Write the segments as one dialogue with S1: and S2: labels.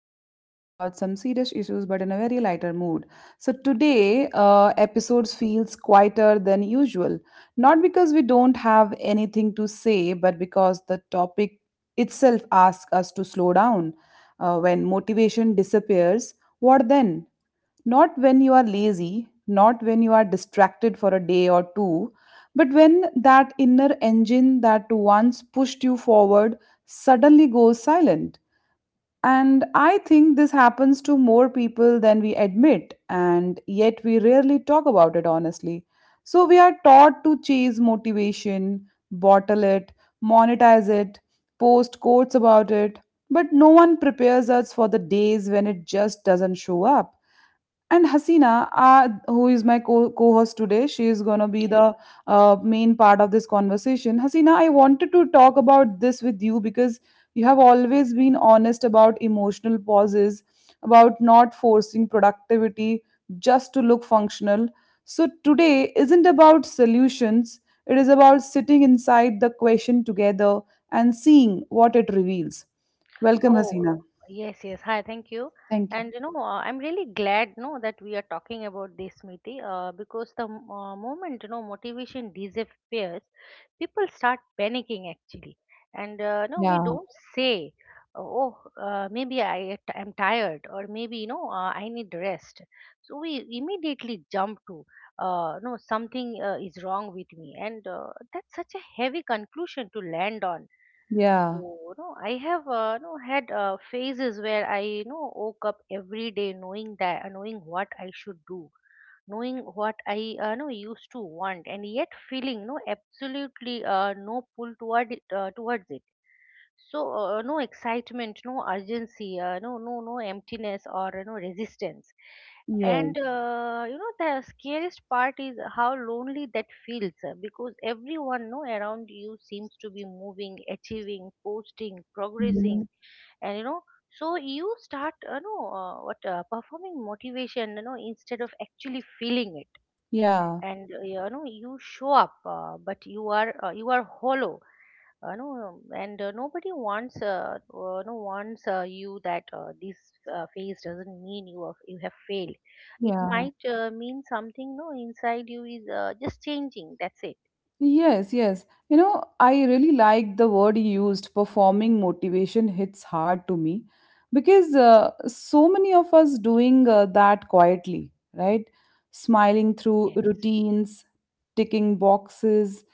S1: where we talk about some serious issues but in a very lighter mood. So, today, episodes feels quieter than usual. Not because we don't have anything to say, but because the topic itself asks us to slow down. When motivation disappears, what then? Not when you are lazy, not when you are distracted for a day or two, but when that inner engine that once pushed you forward suddenly goes silent. And I think this happens to more people than we admit, and yet we rarely talk about it honestly. So we are taught to chase motivation, bottle it, monetize it, post quotes about it, but no one prepares us for the days when it just doesn't show up. And Hasina, who is my co host today, she is going to be
S2: Yeah.
S1: the main part of this conversation. Hasina, I wanted to talk about this with you because you have always been honest about emotional pauses, about not forcing productivity just to look functional. So today isn't about solutions, it is about sitting inside the question together and seeing what it reveals. Welcome,
S2: Oh,
S1: Hasina.
S2: yes, yes. Hi, thank you.
S1: Thank you.
S2: And I'm really glad, no, that we are talking about this, Smriti, because the moment motivation disappears, people start panicking actually. And no, we
S1: Yeah,
S2: don't say, oh, maybe I am tired, or maybe I need rest. So we immediately jump to, no, something is wrong with me, and that's such a heavy conclusion to land on.
S1: yeah,
S2: So, no, I have no had phases where I woke up every day knowing that knowing what I should do, knowing what I know used to want, and yet feeling no absolutely no pull towards it. So no excitement, no urgency, no, no, no emptiness or no resistance.
S1: yes.
S2: And the scariest part is how lonely that feels, because everyone know around you seems to be moving, achieving, posting, progressing. And so you start, you know what performing motivation instead of actually feeling it.
S1: Yeah,
S2: And you show up, but you are hollow. Uh, no, and uh, nobody wants, no wants you. That This phase doesn't mean you have failed. It
S1: yeah.
S2: might mean something. No, inside you is just changing. That's it.
S1: Yes, yes. You know, I really like the word you used, performing motivation hits hard to me because so many of us doing that quietly, right? Smiling through
S2: Yes.
S1: routines, ticking boxes,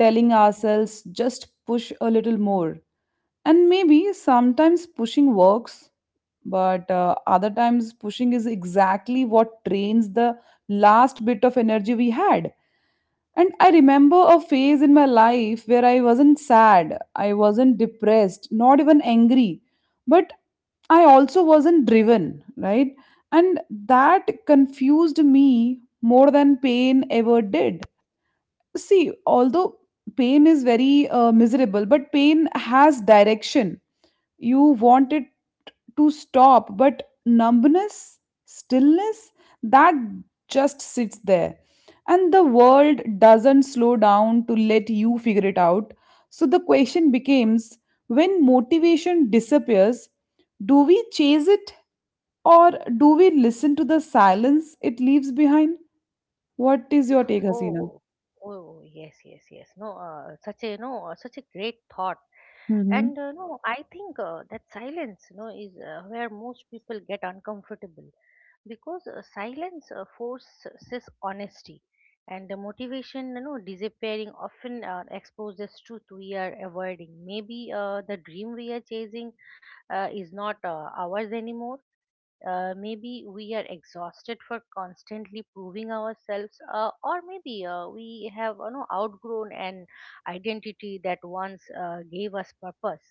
S1: telling ourselves just push a little more. And maybe sometimes pushing works, but other times pushing is exactly what drains the last bit of energy we had. And I remember a phase in my life where I wasn't sad, I wasn't depressed, not even angry, but I also wasn't driven, right? And that confused me more than pain ever did. See, although pain is very miserable, but pain has direction. You want it to stop, but numbness, stillness, that just sits there. And the world doesn't slow down to let you figure it out. So the question becomes, when motivation disappears, do we chase it or do we listen to the silence it leaves behind? What is your take, Hasina?
S2: Oh, oh, yes, yes, yes. No, such a great thought.
S1: Mm-hmm.
S2: And no, I think that silence, is where most people get uncomfortable, because silence forces honesty. And the motivation disappearing often exposes truth we are avoiding. Maybe the dream we are chasing is not ours anymore. Maybe we are exhausted for constantly proving ourselves, or maybe we have outgrown an identity that once gave us purpose.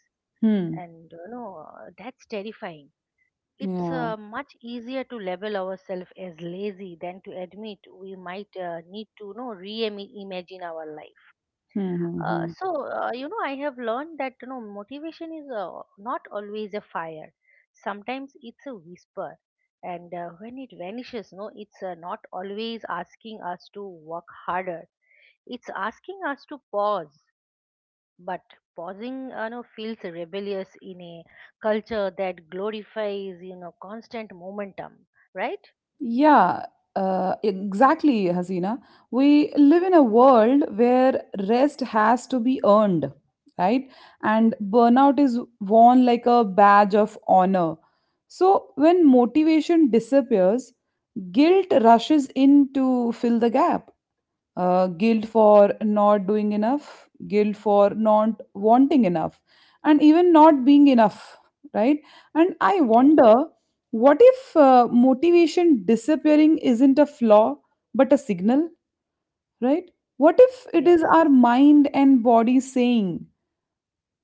S1: Hmm.
S2: And that's terrifying. It's
S1: Yeah.
S2: much easier to label ourselves as lazy than to admit we might need to reimagine our life. Uh,
S1: Mm-hmm.
S2: so uh, you know, I have learned that motivation is not always a fire. Sometimes it's a whisper, and when it vanishes, no, it's not always asking us to work harder. It's asking us to pause. But pausing, feels rebellious in a culture that glorifies, constant momentum, right?
S1: Yeah, exactly, Hasina. We live in a world where rest has to be earned, right? And burnout is worn like a badge of honor. So when motivation disappears, guilt rushes in to fill the gap, guilt for not doing enough, guilt for not wanting enough, and even not being enough, right? And I
S2: Yeah.
S1: wonder, what if motivation disappearing isn't a flaw but a signal, right? What if it is
S2: Yes.
S1: our mind and body saying,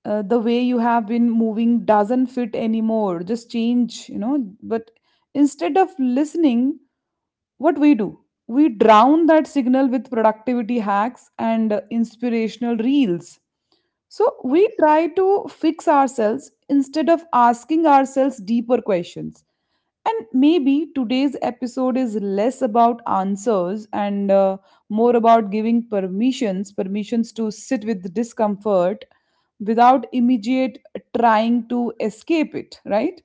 S1: the way you have been moving doesn't fit anymore, just change, you know? But instead of listening, what we do, we drown that signal with productivity hacks and inspirational reels. So we
S2: Yes.
S1: try to fix ourselves instead of asking ourselves deeper questions. And maybe today's episode is less about answers and more about giving permissions to sit with discomfort without immediate trying to escape it, right?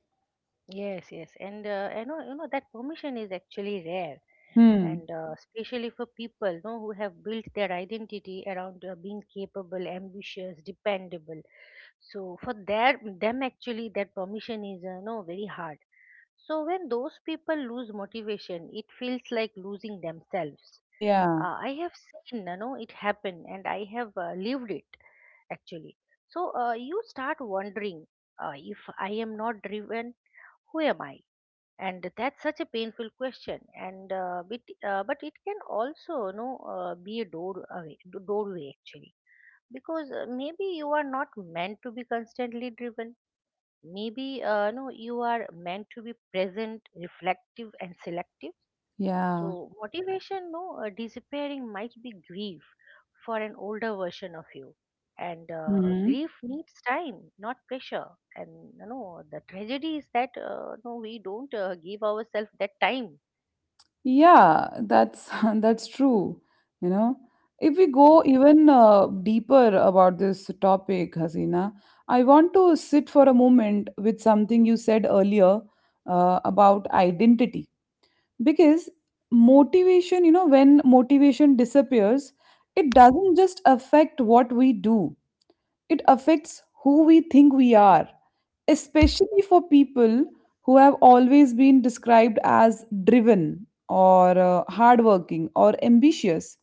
S2: Yes. Yes. And that permission is actually rare,
S1: Hmm.
S2: and especially for people, who have built their identity around being capable, ambitious, dependable. So for their them actually, that permission is, very hard. So when those people lose motivation, it feels like losing themselves.
S1: Yeah.
S2: I have seen, it happen, and I have lived it actually. So you start wondering, if I am not driven, who am I? And that's such a painful question. But it can also, be a doorway actually, because maybe you are not meant to be constantly driven. Maybe no, you are meant to be present, reflective, and selective.
S1: Yeah.
S2: So motivation, no, disappearing might be grief for an older version of you, and
S1: Hmm.
S2: grief needs time, not pressure. And the tragedy is that no, we don't give ourselves that time.
S1: Yeah, that's that's true. You know, if we go
S2: Yes.
S1: even deeper about this topic, Hasina, I want to sit for a moment with something you said earlier about identity. Because motivation, you know, when motivation disappears, it doesn't just affect what we do, it affects who we think we are, especially for people who have always been described as driven or hardworking or ambitious.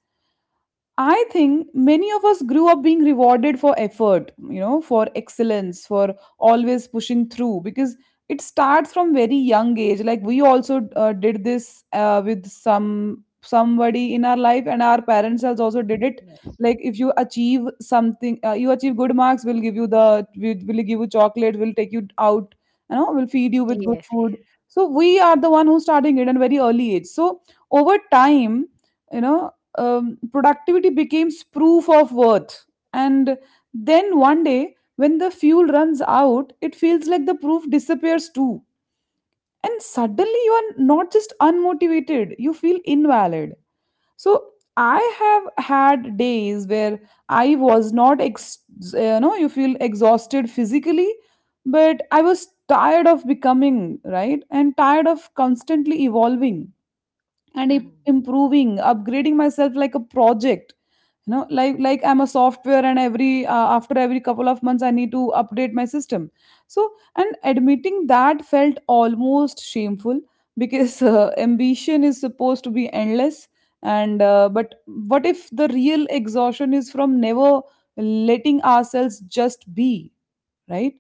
S1: I think many of us grew up being rewarded for effort, you know, for excellence, for always pushing through because it starts from very young age. Like we also did this with somebody in our life, and our parents has also did it.
S2: Yes.
S1: Like if you achieve something, you achieve good marks, we will give you chocolate, we'll take you out, you know, we'll feed you with good
S2: Yes. Yes.
S1: food. So we are the one who's starting it at very early age. So over time, you know, productivity becomes proof of worth. And then one day, when the fuel runs out, it feels like the proof disappears too. And suddenly, you are not just unmotivated, you feel invalid. So, I have had days where I was not, ex- you know, you feel exhausted physically, but I was tired of becoming, right? And tired of constantly evolving and im-
S2: Hmm.
S1: improving upgrading myself like a project, you know, like I'm a software and every after every couple of months I need to update my system. So, and admitting that felt almost shameful because ambition is supposed to be endless. And but what if the real exhaustion is from never letting ourselves just be, right?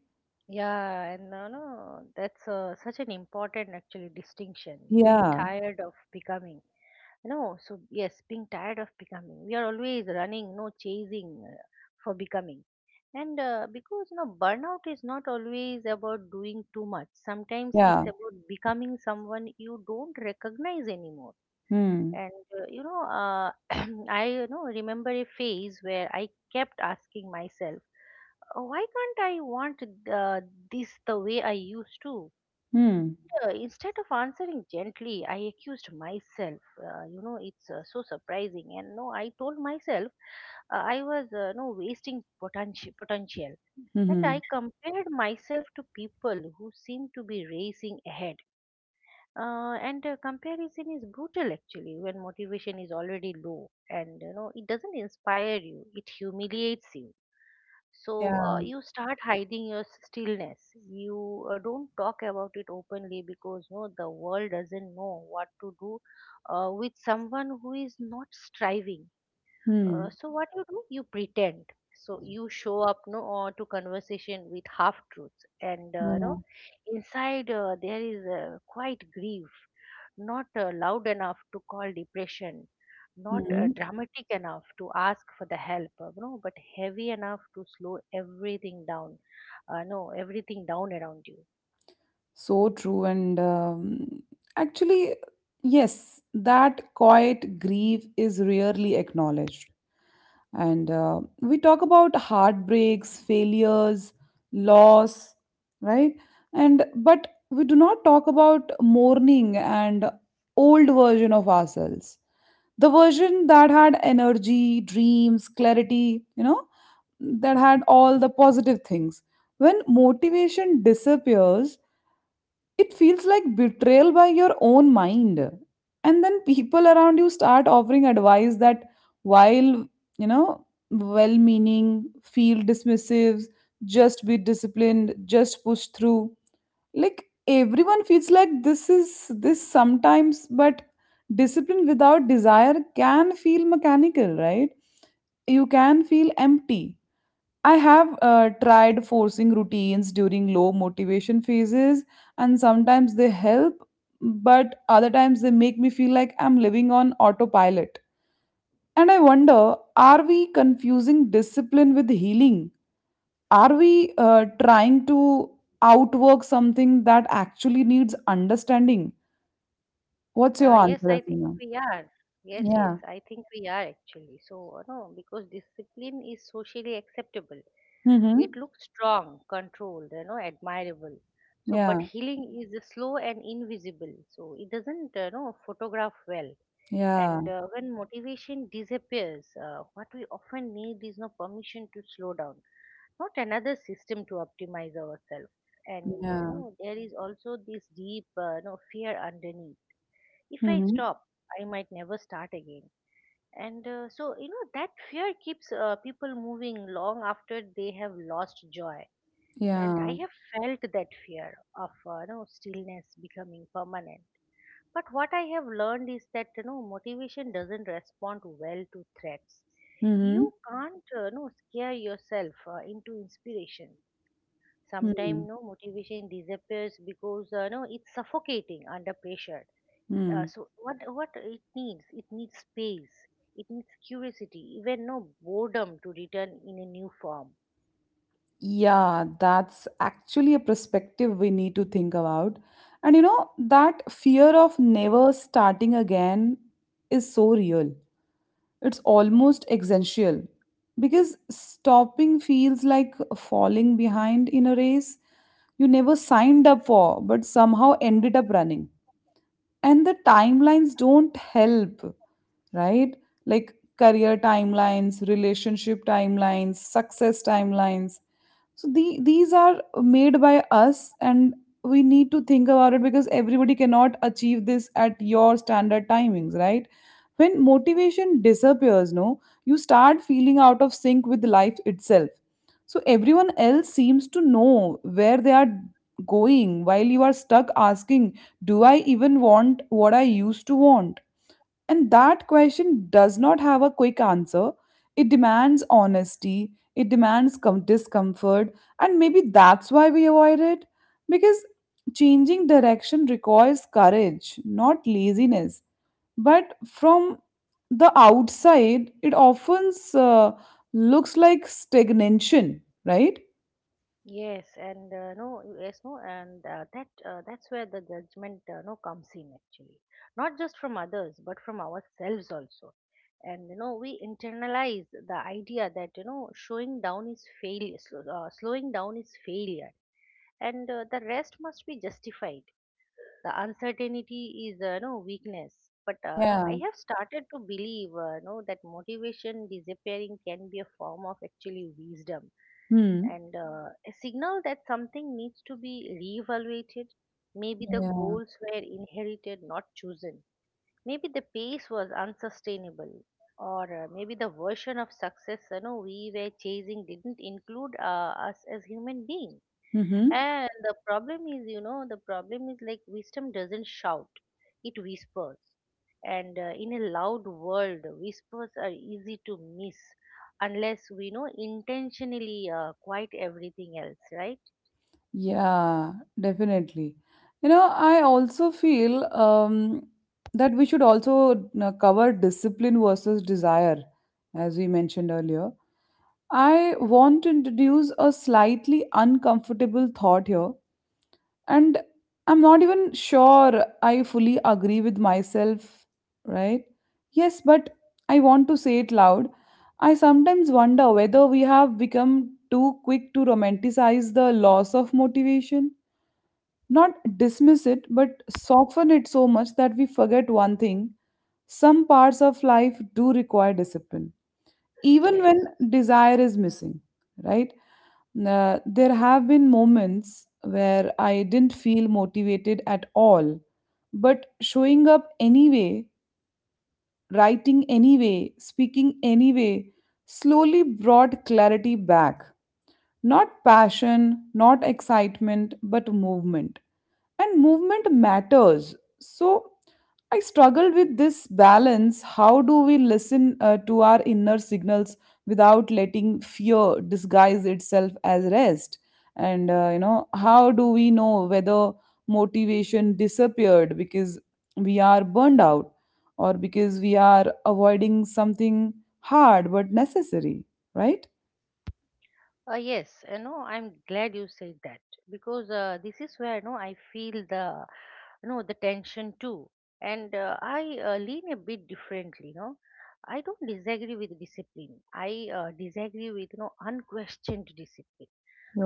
S2: Yeah, and no, no, that's such an important actually distinction. Being
S1: Yeah.
S2: tired of becoming. Being tired of becoming, we are always running, no, chasing, for becoming. And because burnout is not always about doing too much. Sometimes
S1: Yeah.
S2: it's about becoming someone you don't recognize anymore.
S1: Hmm.
S2: And I remember a phase where I kept asking myself, Why can't I want, uh, this the way I used to?"
S1: Hmm.
S2: Instead of answering gently, I accused myself. It's so surprising. And no, I told myself I was, no, wasting potential, And
S1: Hmm.
S2: I compared myself to people who seemed to be racing ahead. And comparison is brutal actually when motivation is already low, and it doesn't inspire you, it humiliates you. So
S1: Yeah.
S2: you start hiding your stillness. You don't talk about it openly because no the world doesn't know what to do with someone who is not striving. uh,
S1: Hmm.
S2: so what you do? You pretend. So you show up, no, or to conversation with half truths, and
S1: Yeah.
S2: no, inside there is quite grief, not loud enough to call depression, not
S1: Hmm.
S2: dramatic enough to ask for the help, no, but heavy enough to slow everything down, no, everything down around you.
S1: So true. And actually, yes, that quiet grief is rarely acknowledged. And we talk about heartbreaks, failures, loss, right? And but we do not talk about mourning and old version of ourselves. The version that had energy, dreams, clarity, you know, that had all the positive things. When motivation disappears, it feels like betrayal by your own mind. And then people around you start offering advice that, while, you know, well meaning, feel dismissive, just be disciplined, just push through. Like everyone feels like this is this sometimes, but discipline without desire can feel mechanical, right? You can feel empty. I have tried forcing routines during low motivation phases, and sometimes they help, but other times they make me feel like I'm living on autopilot. And I wonder, are we confusing discipline with healing? Are we trying to outwork something that actually needs understanding? What's your
S2: Yes,
S1: answer,
S2: I think
S1: Asina?
S2: we are. Yes, yes,
S1: Yeah.
S2: I think we are actually. So, no, because discipline is socially acceptable. It
S1: Mm-hmm.
S2: looks strong, controlled, admirable. So, but
S1: Yeah.
S2: healing is slow and invisible. So it doesn't, photograph well.
S1: Yeah.
S2: And when motivation disappears, what we often need is no permission to slow down, not another system to optimize ourselves. And
S1: Yeah.
S2: there is also this deep, fear underneath. If I
S1: Mm-hmm.
S2: stop, I might never start again. And that fear keeps people moving long after they have lost joy. And
S1: Yeah.
S2: I have felt that fear of, stillness becoming permanent. But what I have learned is that motivation doesn't respond well to threats.
S1: Mm-hmm.
S2: You can't scare yourself into inspiration.
S1: Mm-hmm.
S2: Sometimes no motivation disappears because no it's suffocating under pressure. Uh,
S1: Hmm.
S2: so what what it needs? It needs space. It needs curiosity, even no boredom, to return in a new form.
S1: Yeah, that's actually a perspective we need to think about. And you know, that fear of never starting again is so real. It's almost existential because stopping feels like falling behind in a race you never signed up for but somehow ended up running. And the timelines don't help, right? Like career timelines, relationship timelines, success timelines, so these are made by us, and we need to think about it because everybody cannot achieve this at your standard timings, right? When motivation disappears, no, you start feeling out of sync with life itself. So everyone else seems to know where they are going while you are stuck asking, do I even want what I used to want? And that question does not have a quick answer. It demands honesty, it demands discomfort, and maybe that's why we avoid it. Because changing direction requires courage, not laziness. But from the outside, it often looks like stagnation, right?
S2: Yes, and no, yes, no, and that that's where the judgment no comes in actually, not just from others, but from ourselves also. And we internalize the idea that showing down is failure, slowing down is failure, and the rest must be justified, the uncertainty is no weakness. But no,
S1: Yeah.
S2: I have started to believe no, that motivation disappearing can be a form of actually wisdom,
S1: Hmm.
S2: and a signal that something needs to be reevaluated. Maybe the
S1: Yeah.
S2: goals were inherited, not chosen. Maybe the pace was unsustainable, or maybe the version of success we were chasing didn't include us as human beings.
S1: Mm-hmm.
S2: And the problem is, the problem is, like, wisdom doesn't shout, it whispers. And in a loud world, whispers are easy to miss unless we know intentionally quiet everything else, right?
S1: Yeah, definitely. You know, I also feel that we should also cover discipline versus desire, as we mentioned earlier. I want to introduce a slightly uncomfortable thought here, and I'm not even sure I fully agree with myself, right? Yes, but I want to say it loud. I sometimes wonder whether we have become too quick to romanticize the loss of motivation, not dismiss it but soften it so much that we forget one thing: some parts of life do require discipline even when
S2: Yes.
S1: desire is missing, right? There have been moments where I didn't feel motivated at all, but showing up anyway, writing anyway, speaking anyway, slowly brought clarity back. Not passion, not excitement, but movement. And movement matters. So I struggle with this balance. How do we listen to our inner signals without letting fear disguise itself as rest? And, how do we know whether motivation disappeared because we are burned out or because we are avoiding something hard but necessary, right?
S2: Yes, I'm glad you said that, because this is where I feel the, the tension too. And I lean a bit differently, I don't disagree with discipline, I disagree with unquestioned discipline.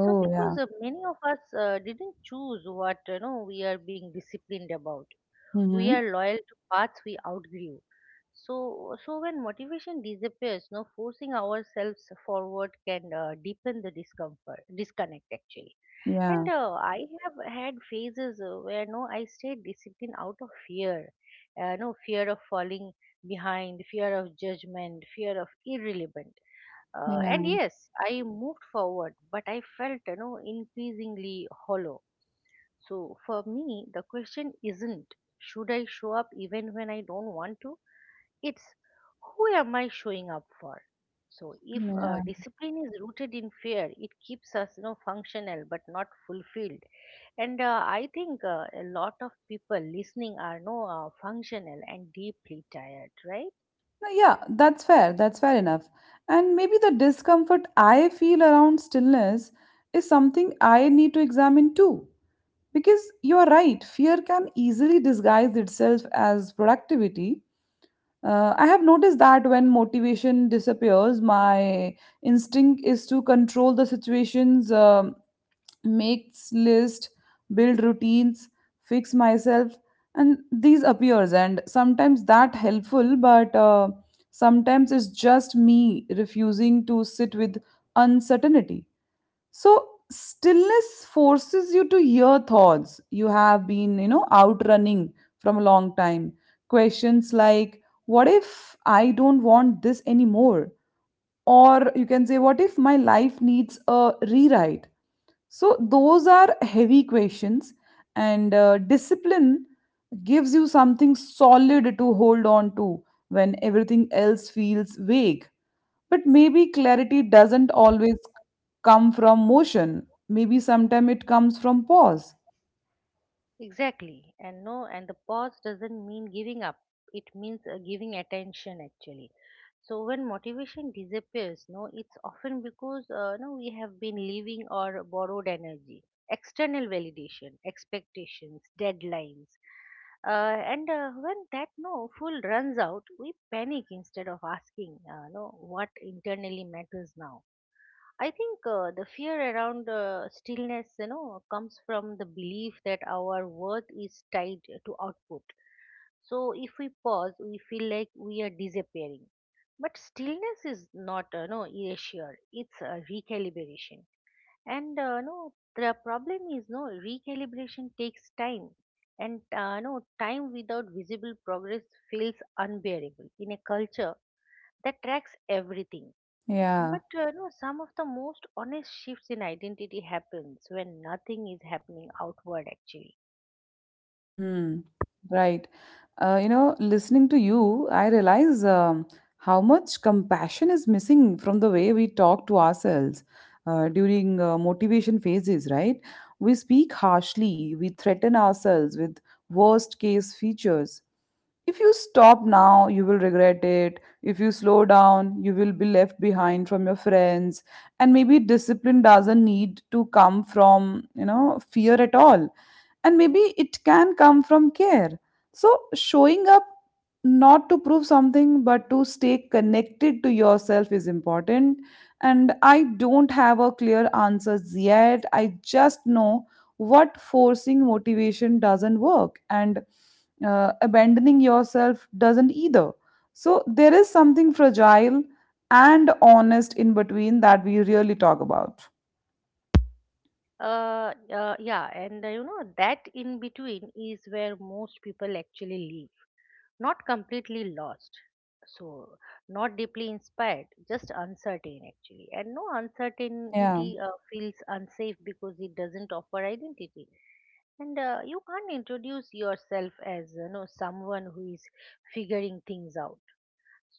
S2: So because
S1: yeah.
S2: many of us didn't choose what we are being disciplined about. We
S1: Mhm.
S2: are loyal to paths we outgrew. So so when motivation disappears, no, forcing ourselves forward can deepen the discomfort, disconnect actually.
S1: Yeah,
S2: And I have had phases where no, I stayed disciplined out of fear. No, fear of falling behind, fear of judgment, fear of irrelevant. And
S1: yeah,
S2: yes, I moved forward, but I felt, increasingly hollow. So for me, the question isn't, should I show up even when I don't want to? It's, who am I showing up for? So if
S1: yeah.
S2: discipline is rooted in fear, it keeps us, functional but not fulfilled. And I think a lot of people listening are no functional and deeply tired, right?
S1: No, yeah, that's fair. That's fair enough. And maybe the discomfort I feel around stillness is something I need to examine too. Because you're right, fear can easily disguise itself as productivity. I have noticed that when motivation disappears, my instinct is to control the situations, makes list, build routines, fix myself, and these appears, and sometimes that helpful, but sometimes it's just me refusing to sit with uncertainty. So stillness forces you to hear thoughts you have been, you know, outrunning from a long time. Questions like, what if I don't want this anymore? Or you can say, what if my life needs a rewrite? So, those are heavy questions, and discipline gives you something solid to hold on to when everything else feels vague. But maybe clarity doesn't always come from motion, maybe sometimes it comes from pause.
S2: Exactly. And no, and the pause doesn't mean giving up. It means giving attention actually. So when motivation disappears, no, it's often because no, we have been living or borrowed energy, external validation, expectations, deadlines. And when that no fuel runs out, we panic instead of asking, no, what internally matters now. I think the fear around stillness, comes from the belief that our worth is tied to output. So if we pause, we feel like we are disappearing. But stillness is not, no, erasure. It's a recalibration. And no, the problem is no recalibration takes time, and no time without visible progress feels unbearable in a culture that tracks everything.
S1: Yeah.
S2: But no, some of the most honest shifts in identity happens when nothing is happening outward actually.
S1: Mm-hmm. Right. Listening to you, I realize, how much compassion is missing from the way we talk to ourselves during motivation phases, right? We speak harshly, we threaten ourselves with worst case features. If you stop now, you will regret it. If you slow down, you will be left behind from your friends. And maybe discipline doesn't need to come from, fear at all. And maybe it can come from care. So showing up not to prove something but to stay connected to yourself is important. And I don't have a clear answers yet. I just know what forcing motivation doesn't work. And abandoning yourself doesn't either. So there is something fragile and honest in between that we really talk about.
S2: Yeah, and that in between is where most people actually live, not completely lost. So, not deeply inspired, just uncertain actually. And no
S1: Yeah.
S2: uncertainty feels unsafe because it doesn't offer identity. And you can't introduce yourself as someone who is figuring things out.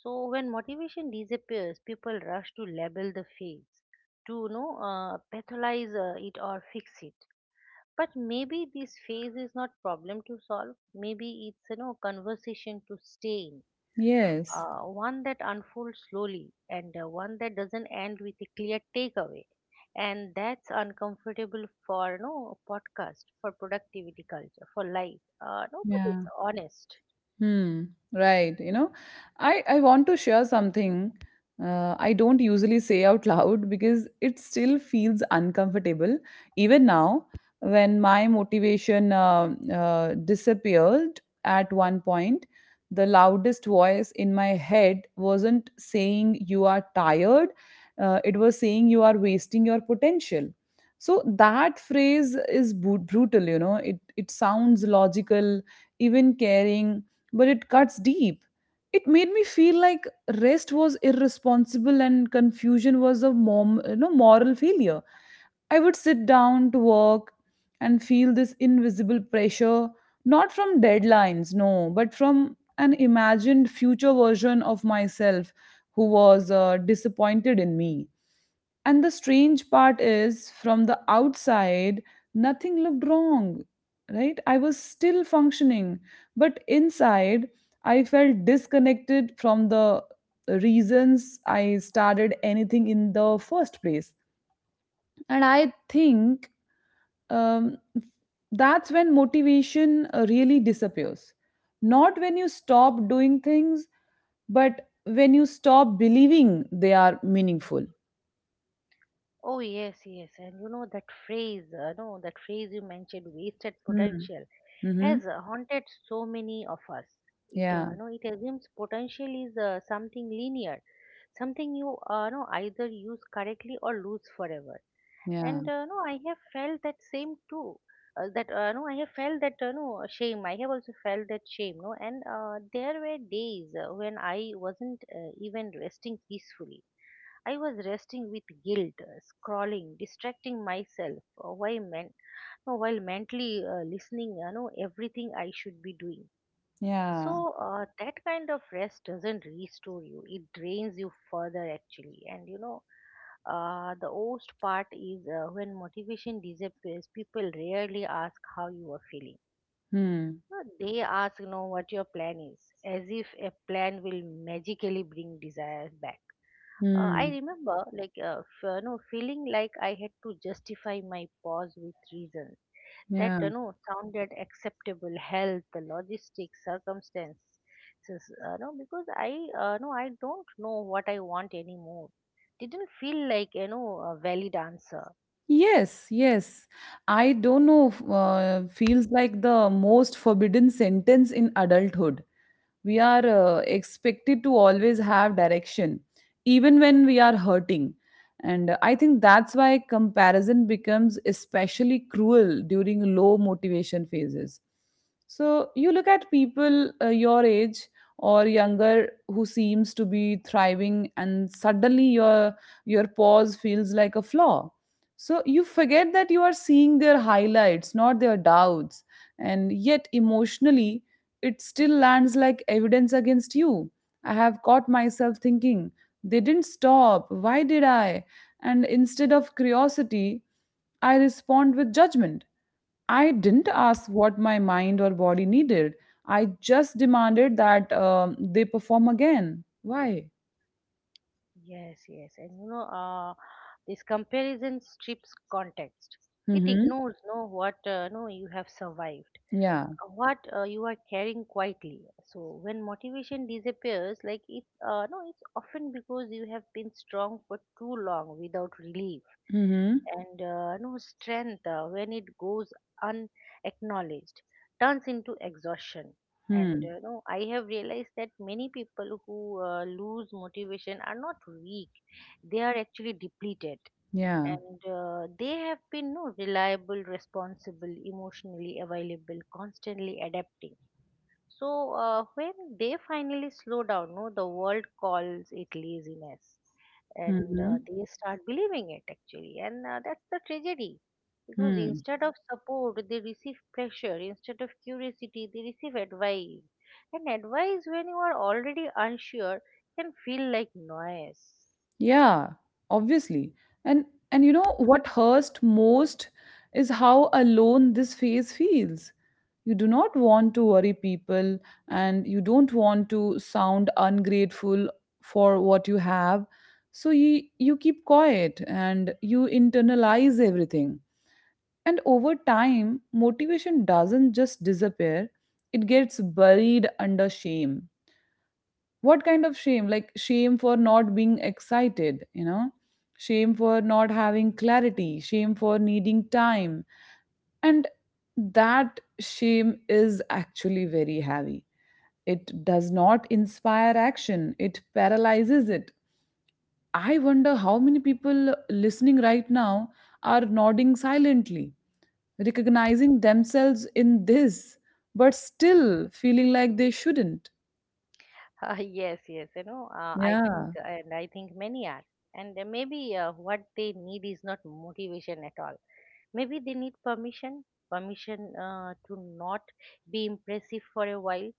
S2: So when motivation disappears, people rush to label the phase, to pathologize it or fix it. But maybe this phase is not problem to solve. Maybe it's conversation to stay in,
S1: Yes.
S2: one that unfolds slowly and one that doesn't end with a clear takeaway. And that's uncomfortable for podcast, for productivity culture, for life. No, but
S1: Yeah.
S2: it's honest.
S1: Hmm. Right. I want to share something. I don't usually say out loud because it still feels uncomfortable even now when my motivation disappeared at one point. The loudest voice in my head wasn't saying you are tired. It was saying you are wasting your potential. So that phrase is brutal. It sounds logical, even caring but it cuts deep. It made me feel like rest was irresponsible and confusion was a moral failure. I would sit down to work and feel this invisible pressure, not from deadlines, no, but from an imagined future version of myself who was disappointed in me. And the strange part is, from the outside, nothing looked wrong, right? I was still functioning. But inside, I felt disconnected from the reasons I started anything in the first place. And I think um, that's when motivation really disappears. Not when you stop doing things, but when you stop believing they are meaningful.
S2: Oh yes, yes, and that phrase, no, that phrase you mentioned, wasted potential,
S1: Mm-hmm.
S2: has haunted so many of us. It,
S1: Yeah,
S2: no, it assumes potential is something linear, something you, no, either use correctly or lose forever.
S1: yeah.
S2: And no, I have felt that same too. That no, I have felt that no shame. I have also felt that shame. No, and There were days when I wasn't even resting peacefully. I was resting with guilt, scrolling, distracting myself uh, while, men- while mentally listening, everything I should be doing.
S1: Yeah.
S2: So that kind of rest doesn't restore you; it drains you further, actually. The worst part is when motivation disappears. People rarely ask how you are feeling.
S1: Hmm.
S2: They ask, what your plan is, as if a plan will magically bring desires back. I
S1: Hmm.
S2: remember, feeling like I had to justify my pause with reasons that,
S1: Yeah.
S2: sounded acceptable, health, the logistics, circumstances, because I don't know what I want anymore. Didn't feel like, a valid answer.
S1: Yes. Yes. I don't know. Feels like the most forbidden sentence in adulthood. We are expected to always have direction even when we are hurting, and I think that's why comparison becomes especially cruel during low motivation phases. So you look at people your age or younger who seems to be thriving, and suddenly your pause feels like a flaw. So you forget that you are seeing their highlights, not their doubts, and yet emotionally it still lands like evidence against you. I have caught myself thinking, they didn't stop, why did I? And instead of curiosity, I respond with judgment. I didn't ask what my mind or body needed. I just demanded that they perform again. Why?
S2: Yes, yes, and this comparison strips context. It
S1: Mm-hmm.
S2: ignores, no, what no you have survived,
S1: Yeah.
S2: what you are carrying quietly. So when motivation disappears, like it, no, it's often because you have been strong for too long without relief,
S1: Mm-hmm.
S2: and no strength when it goes unacknowledged turns into exhaustion. And
S1: Hmm.
S2: no I have realized that many people who lose motivation are not weak, they are actually depleted,
S1: Yeah.
S2: and they have been no reliable, responsible, emotionally available, constantly adapting. So when they finally slow down, no the world calls it laziness, and
S1: Mm-hmm.
S2: they start believing it actually. And that's the tragedy, because
S1: Hmm.
S2: instead of support they receive pressure, instead of curiosity they receive advice. And advice, when you are already unsure, can feel like noise.
S1: Yeah, obviously. And what hurts most is how alone this phase feels. You do not want to worry people, and you don't want to sound ungrateful for what you have. So you keep quiet and you internalize everything. And over time, motivation doesn't just disappear. It gets buried under shame. What kind of shame? Like shame for not being excited, shame for not having clarity, shame for needing time, and that shame is actually very heavy. It does not inspire action, it paralyzes it. I wonder how many people listening right now are nodding silently, recognizing themselves in this, but still feeling like they shouldn't.
S2: Yes, yes, I think,
S1: Yeah.
S2: many are. And maybe what they need is not motivation at all. Maybe they need permission. Permission to not be impressive for a while,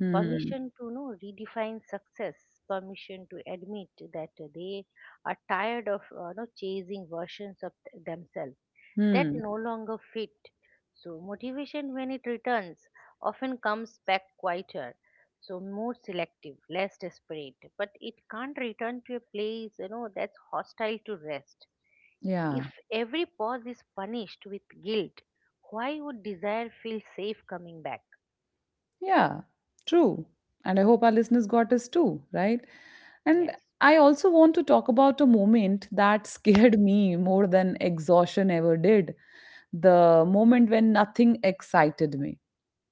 S1: Hmm.
S2: permission to redefine success, permission to admit that they are tired of chasing versions of themselves that
S1: Hmm.
S2: no longer fit. So motivation, when it returns, often comes back quieter, so more selective, less desperate, but it can't return to a place that's hostile to rest.
S1: Yeah.
S2: If every pause is punished with guilt, why would desire feel safe coming back?
S1: Yeah, true. And I hope our listeners got us too, right? And
S2: Yes.
S1: I also want to talk about a moment that scared me more than exhaustion ever did, the moment when nothing excited me.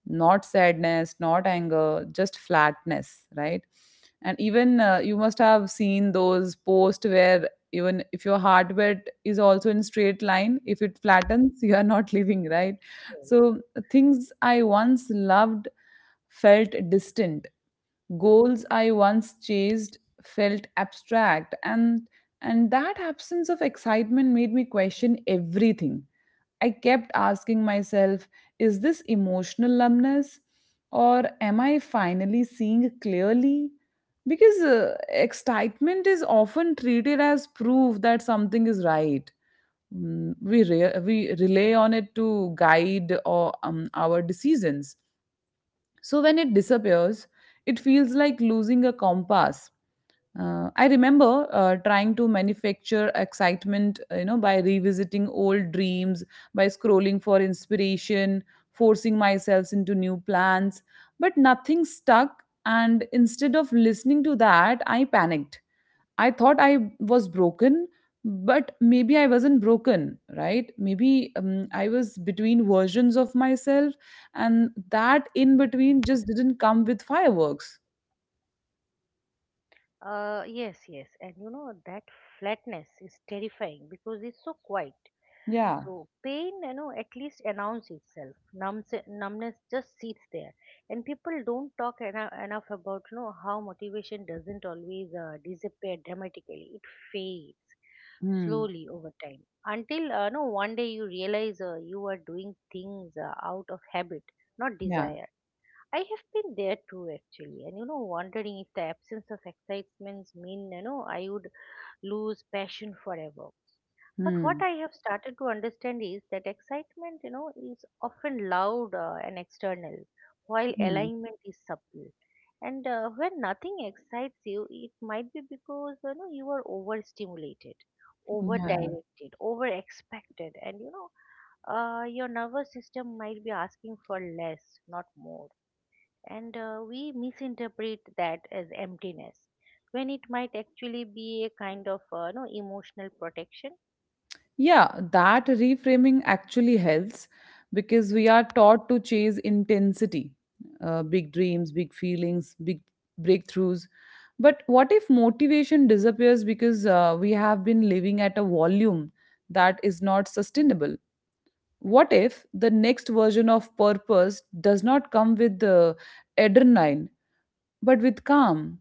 S1: Not sadness, not anger, just flatness, right? And even you must have seen those posts where even if your heartbeat is also in straight line, if it flattens you are not living, right? So things I once loved felt distant, goals I once chased felt abstract, and that absence of excitement made me question everything. I kept asking myself, is this emotional numbness or am I finally seeing clearly? Because excitement is often treated as proof that something is right. We rely on it to guide our decisions. So when it disappears, it feels like losing a compass. I remember trying to manufacture excitement, by revisiting old dreams, by scrolling for inspiration, forcing myself into new plans, but nothing stuck. And instead of listening to that, I panicked. I thought I was broken, but maybe I wasn't broken, right? Maybe I was between versions of myself, and that in between just didn't come with fireworks.
S2: Yes, yes, and that flatness is terrifying because it's so quiet.
S1: Yeah.
S2: So pain, at least announce itself. Numbness just sits there, and people don't enough about how motivation doesn't always disappear dramatically. It fades
S1: Hmm.
S2: slowly over time until no one day you realize you are doing things out of habit, not
S1: Yeah.
S2: desire. I have been there too, actually, and wondering if the absence of excitements mean I would lose passion forever. But what
S1: Hmm.
S2: I have started to understand is that excitement, is often loud and external, while
S1: Mm,
S2: alignment is subtle. And when nothing excites you, it might be because you are overstimulated,
S1: yeah.
S2: over-directed, over-expected, and your nervous system might be asking for less, not more. And we misinterpret that as emptiness when it might actually be a kind of no emotional protection.
S1: Yeah, that reframing actually helps because we are taught to chase intensity, big dreams, big feelings, big breakthroughs. But what if motivation disappears because we have been living at a volume that is not sustainable? What if the next version of purpose does not come with the adrenaline but with calm?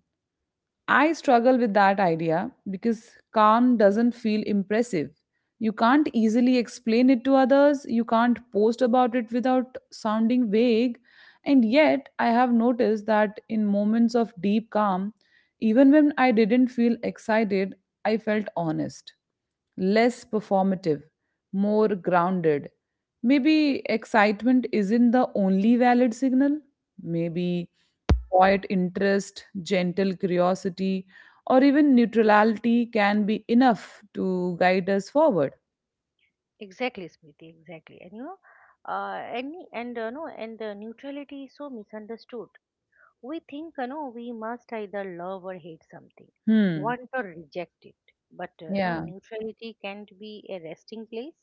S1: I struggle with that idea because calm doesn't feel impressive. You can't easily explain it to others, you can't post about it without sounding vague, and yet I have noticed that in moments of deep calm, even when I didn't feel excited, I felt honest, less performative, more grounded. Maybe excitement isn't the only valid signal. Maybe quiet interest, gentle curiosity, or even neutrality can be enough to guide us forward.
S2: Exactly, Smriti, exactly. And you know, any and no, and neutrality is so misunderstood. We think, we must either love or hate something,
S1: Hmm.
S2: want or reject it. But
S1: Yeah.
S2: neutrality can't be a resting place.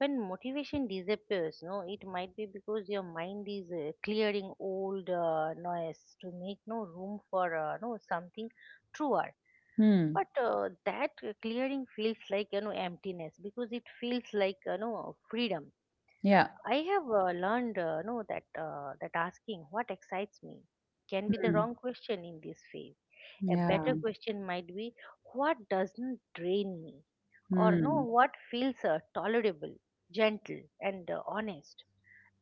S2: When motivation disappears, no it might be because your mind is clearing old noise to make room for no something truer.
S1: Hmm.
S2: But that clearing feels like emptiness because it feels like freedom.
S1: Yeah.
S2: I have learned know that that asking what excites me can be the
S1: Hmm.
S2: wrong question in this phase. A
S1: Yeah.
S2: better question might be, what doesn't drain me? Or no,
S1: Hmm.
S2: what feels tolerable, gentle, and honest?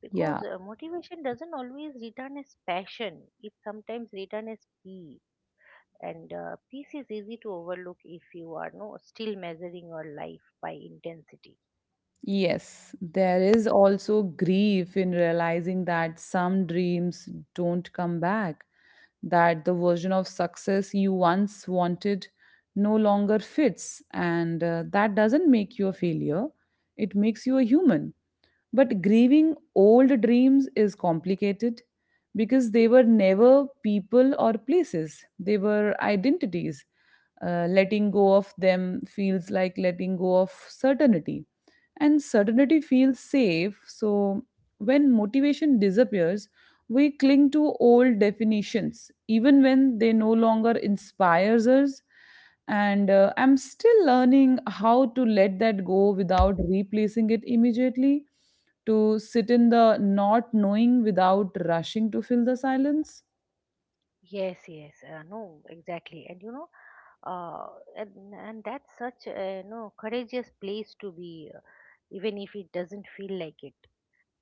S2: Because
S1: Yeah.
S2: motivation doesn't always return as passion, it sometimes returns as peace. And peace is easy to overlook if you are no still measuring your life by intensity.
S1: Yes, there is also grief in realizing that some dreams don't come back, that the version of success you once wanted no longer fits, and that doesn't make you a failure. It makes you a human. But grieving old dreams is complicated because they were never people or places, they were identities. Letting go of them feels like letting go of certainty, and certainty feels safe. So when motivation disappears, we cling to old definitions, even when they no longer inspires us. And I'm still learning how to let that go without replacing it immediately, to sit in the not knowing without rushing to fill the silence.
S2: Yes, yes, no, exactly, and uh, and, that's such a no courageous place to be, even if it doesn't feel like it.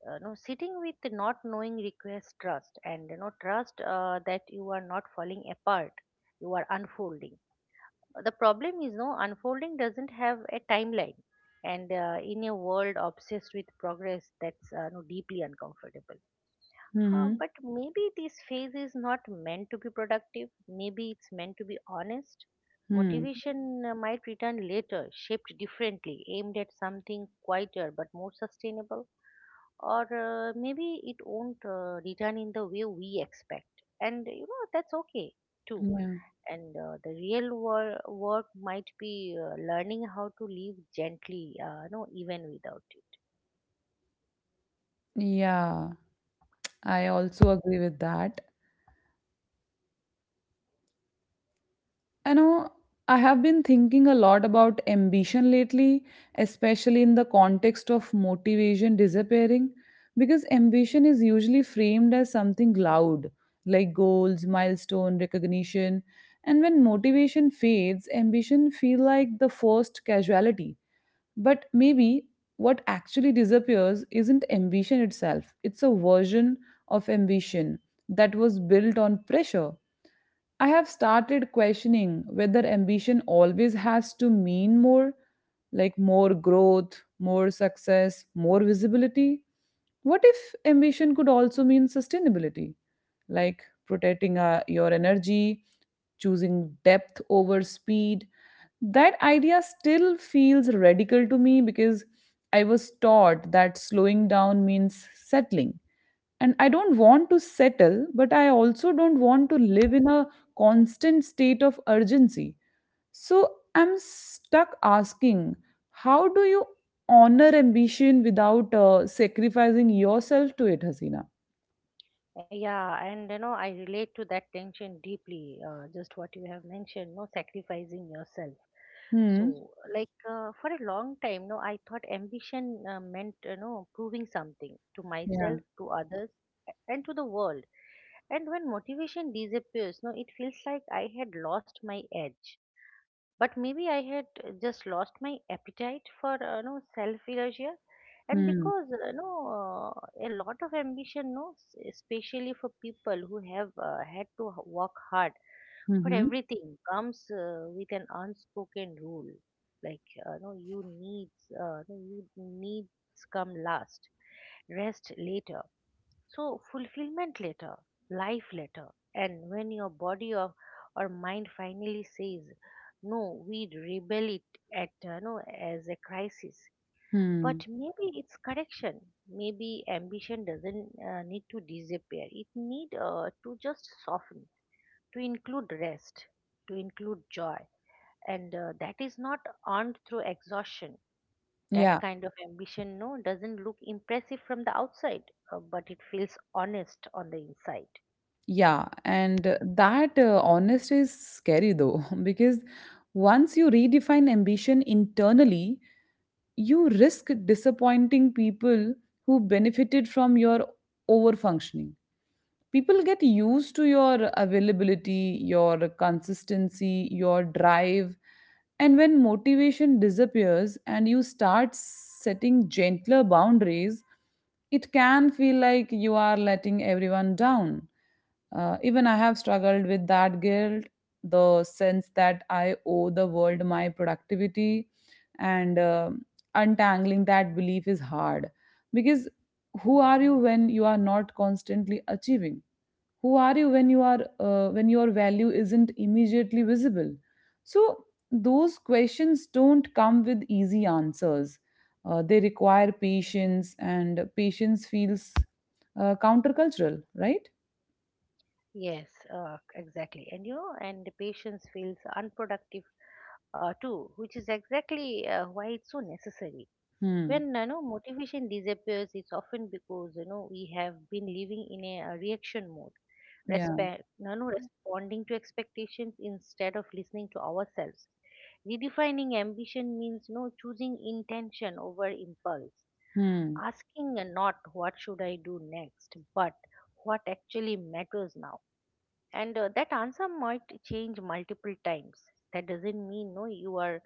S2: No Sitting with not knowing requires trust, and trust that you are not falling apart, you are unfolding. The problem is, unfolding doesn't have a timeline, and in a world obsessed with progress, that's no, deeply uncomfortable. uh,
S1: Mm-hmm.
S2: but maybe this phase is not meant to be productive, maybe it's meant to be honest.
S1: Hmm.
S2: Motivation might return later, shaped differently, aimed at something quieter but more sustainable. Or maybe it won't return in the way we expect, and that's okay too.
S1: Yeah.
S2: And work might be learning how to live gently, even without it.
S1: Yeah. I also agree with that. You know, I have been thinking a lot about ambition lately, especially in the context of motivation disappearing, because ambition is usually framed as something loud, like goals, milestone, recognition. And when motivation fades, ambition feel like the first casualty. But maybe what actually disappears isn't ambition itself, it's a version of ambition that was built on pressure. I have started questioning whether ambition always has to mean more, like more growth, more success, more visibility. What if ambition could also mean sustainability, like protecting your energy, choosing depth over speed? That idea still feels radical to me because I was taught that slowing down means settling. And I don't want to settle, but I also don't want to live in a constant state of urgency. So I'm stuck asking, how do you honor ambition without sacrificing yourself to it, Hasina?
S2: Yeah, and I relate to that tension deeply, just what you have mentioned, no sacrificing yourself.
S1: Hmm.
S2: So for a long time, no I thought ambition meant proving something to
S1: Yeah.
S2: myself, to others, and to the world. And when motivation disappears, no, it feels like I had lost my edge. But maybe I had just lost my appetite for no self erasure, and
S1: Hmm.
S2: because no a lot of ambition, no, s- especially for people who have work hard for
S1: Mm-hmm.
S2: everything, comes with an unspoken rule, like no you needs no, you needs come last, rest later, so fulfillment later, life later, and when your body or mind finally says, no, we rebel it at no as a crisis.
S1: Hmm.
S2: But maybe it's correction. Maybe ambition doesn't need to disappear. It need to just soften, to include rest, to include joy, and that is not earned through exhaustion. That
S1: Yeah.
S2: kind of ambition, doesn't look impressive from the outside, but it feels honest on the inside.
S1: Yeah, and that honesty is scary though, because once you redefine ambition internally, you risk disappointing people who benefited from your overfunctioning. People get used to your availability, your consistency, your drive, and when motivation disappears and you start setting gentler boundaries, it can feel like you are letting everyone down. Even I have struggled with that guilt, the sense that I owe the world my productivity, and untangling that belief is hard because who are you when you are not constantly achieving? Who are you when you are when your value isn't immediately visible? So those questions don't come with easy answers. They require patience, and patience feels countercultural, right?
S2: Yes, exactly. And and the patience feels unproductive too, which is exactly why it's so necessary.
S1: Hmm.
S2: When motivation disappears, it's often because we have been living in a reaction mode,
S1: Yeah.
S2: respect, responding to expectations instead of listening to ourselves. Redefining ambition means no choosing intention over impulse,
S1: Hmm.
S2: asking not what should I do next, but what actually matters now. And that answer might change multiple times. That doesn't mean no you are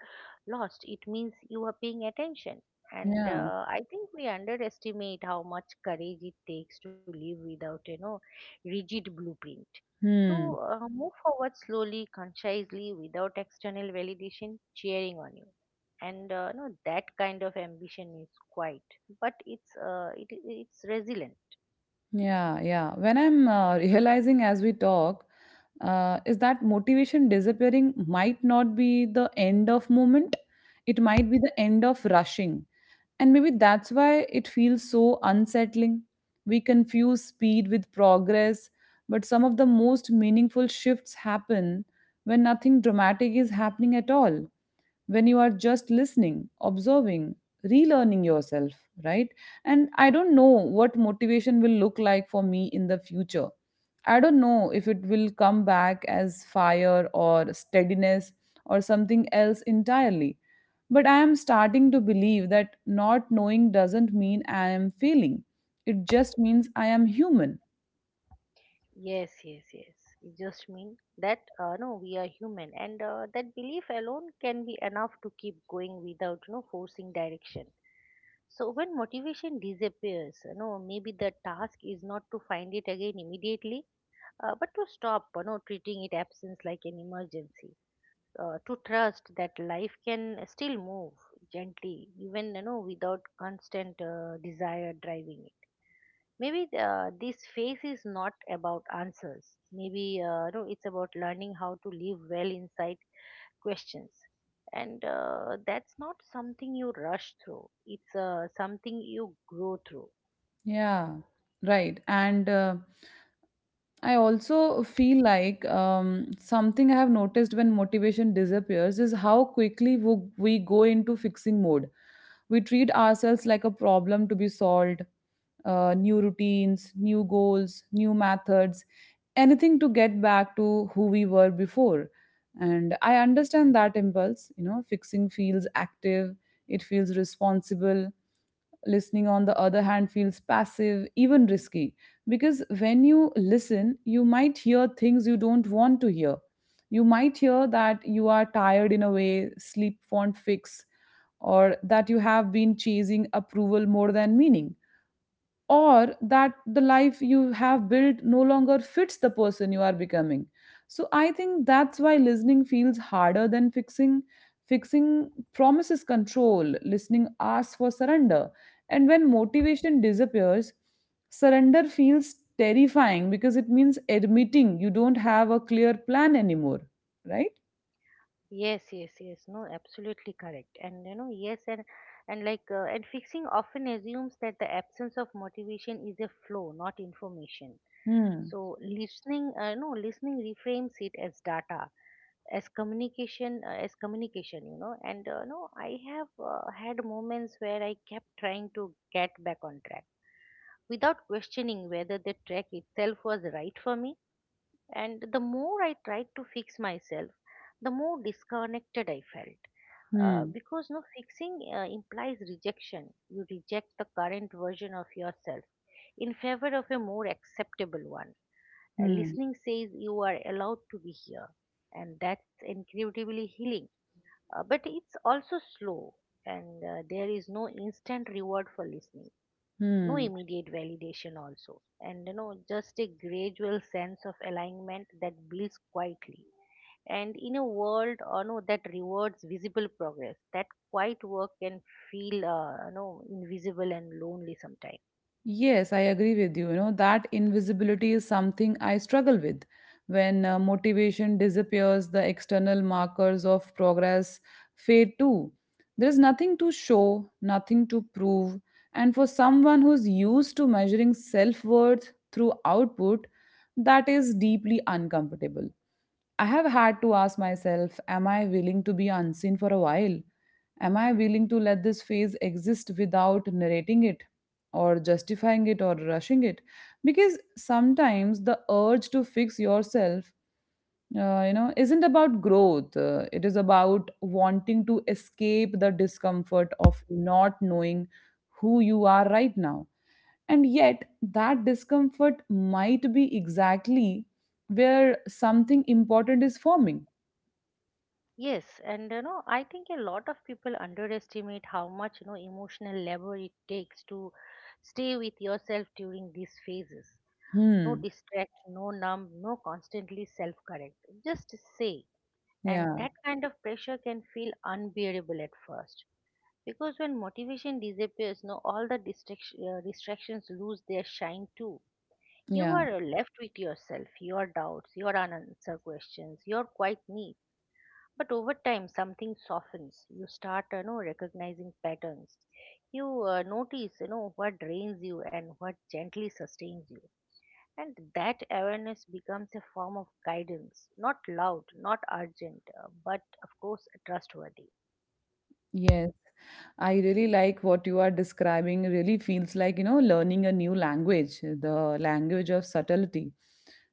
S2: lost. It means you are paying attention. And
S1: Yeah.
S2: I think we underestimate how much courage it takes to live without rigid blueprint, to
S1: Hmm.
S2: move forward slowly, consciously, without external validation cheering on you. And no, that kind of ambition is quiet, but it's resilient.
S1: Yeah. Yeah. When I'm realizing as we talk, is that motivation disappearing might not be the end of moment. It might be the end of rushing. And maybe that's why it feels so unsettling. We confuse speed with progress, but some of the most meaningful shifts happen when nothing dramatic is happening at all. When you are just listening, observing, relearning yourself, right? And I don't know what motivation will look like for me in the future. I don't know if it will come back as fire or steadiness or something else entirely. But I am starting to believe that not knowing doesn't mean I am failing. It just means I am human.
S2: Yes, yes, yes. It just means that no, we are human, and that belief alone can be enough to keep going without forcing direction. So when motivation disappears, maybe the task is not to find it again immediately, but to stop treating it absence like an emergency, to trust that life can still move gently, even without constant desire driving it. Maybe this phase is not about answers. Maybe it's about learning how to live well inside questions, and that's not something you rush through, it's something you grow through.
S1: Yeah, right. And I also feel like something I have noticed when motivation disappears is how quickly we go into fixing mode. We treat ourselves like a problem to be solved, new routines, new goals, new methods, anything to get back to who we were before. And I understand that impulse. You know, fixing feels active, it feels responsible. Listening, on the other hand, feels passive, even risky, because when you listen, you might hear things you don't want to hear. You might hear that you are tired in a way, sleep won't fix, or that you have been chasing approval more than meaning, or that the life you have built no longer fits the person you are becoming. So I think that's why listening feels harder than Fixing promises control. Listening asks for surrender. And when motivation disappears, surrender feels terrifying because it means admitting you don't have a clear plan anymore, right?
S2: Yes, yes, yes. No, absolutely correct. And yes, and like and fixing often assumes that the absence of motivation is a flow, not information.
S1: hmm
S2: So listening, no, listening reframes it as data, as communication. You know, and no, I have had moments where I kept trying to get back on track without questioning whether the track itself was right for me, and the more I tried to fix myself, the more disconnected I felt.
S1: hmm
S2: Because no, fixing implies rejection. You reject the current version of yourself in favor of a more acceptable one.
S1: Hmm.
S2: Listening says you are allowed to be here, and that's incredibly healing. But it's also slow, and there is no instant reward for listening, no
S1: Hmm.
S2: immediate validation also, and you know, just a gradual sense of alignment that builds quietly. And in a world no, that rewards visible progress, that quiet work can feel no, invisible and lonely sometimes.
S1: Yes, I agree with you. You know, that invisibility is something I struggle with. When motivation disappears, the external markers of progress fade too. There is nothing to show, nothing to prove. And for someone who's used to measuring self worth through output, that is deeply uncomfortable. I have had to ask myself, am I willing to be unseen for a while? Am I willing to let this phase exist without narrating it or justifying it or rushing it? Because sometimes the urge to fix yourself, you know, isn't about growth. It is about wanting to escape the discomfort of not knowing who you are right now. And yet, that discomfort might be exactly where something important is forming.
S2: Yes, and you know, I think a lot of people underestimate how much, you know, emotional labor it takes to stay with yourself during these phases. No
S1: Hmm.
S2: distract, no numb, no constantly self correct, just say. And
S1: Yeah.
S2: that kind of pressure can feel unbearable at first, because when motivation disappears, no, all the distractions lose their shine too. You
S1: Yeah.
S2: are left with yourself, your doubts, your unanswered questions, your quiet needs. But over time, something softens. You start, you know, recognizing patterns. You notice, you know, what drains you and what gently sustains you. And that awareness becomes a form of guidance, not loud, not urgent, but of course trustworthy.
S1: Yes. I really like what you are describing. Really feels like, you know, learning a new language, the language of subtlety,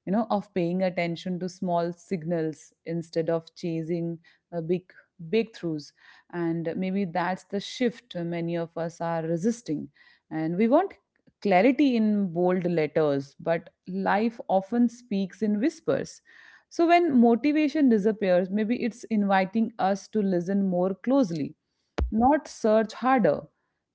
S1: you know, of paying attention to small signals instead of chasing big breakthroughs. And maybe that's the shift many of us are resisting. And we want clarity in bold letters, but life often speaks in whispers. So when motivation disappears, maybe it's inviting us to listen more closely, not search harder,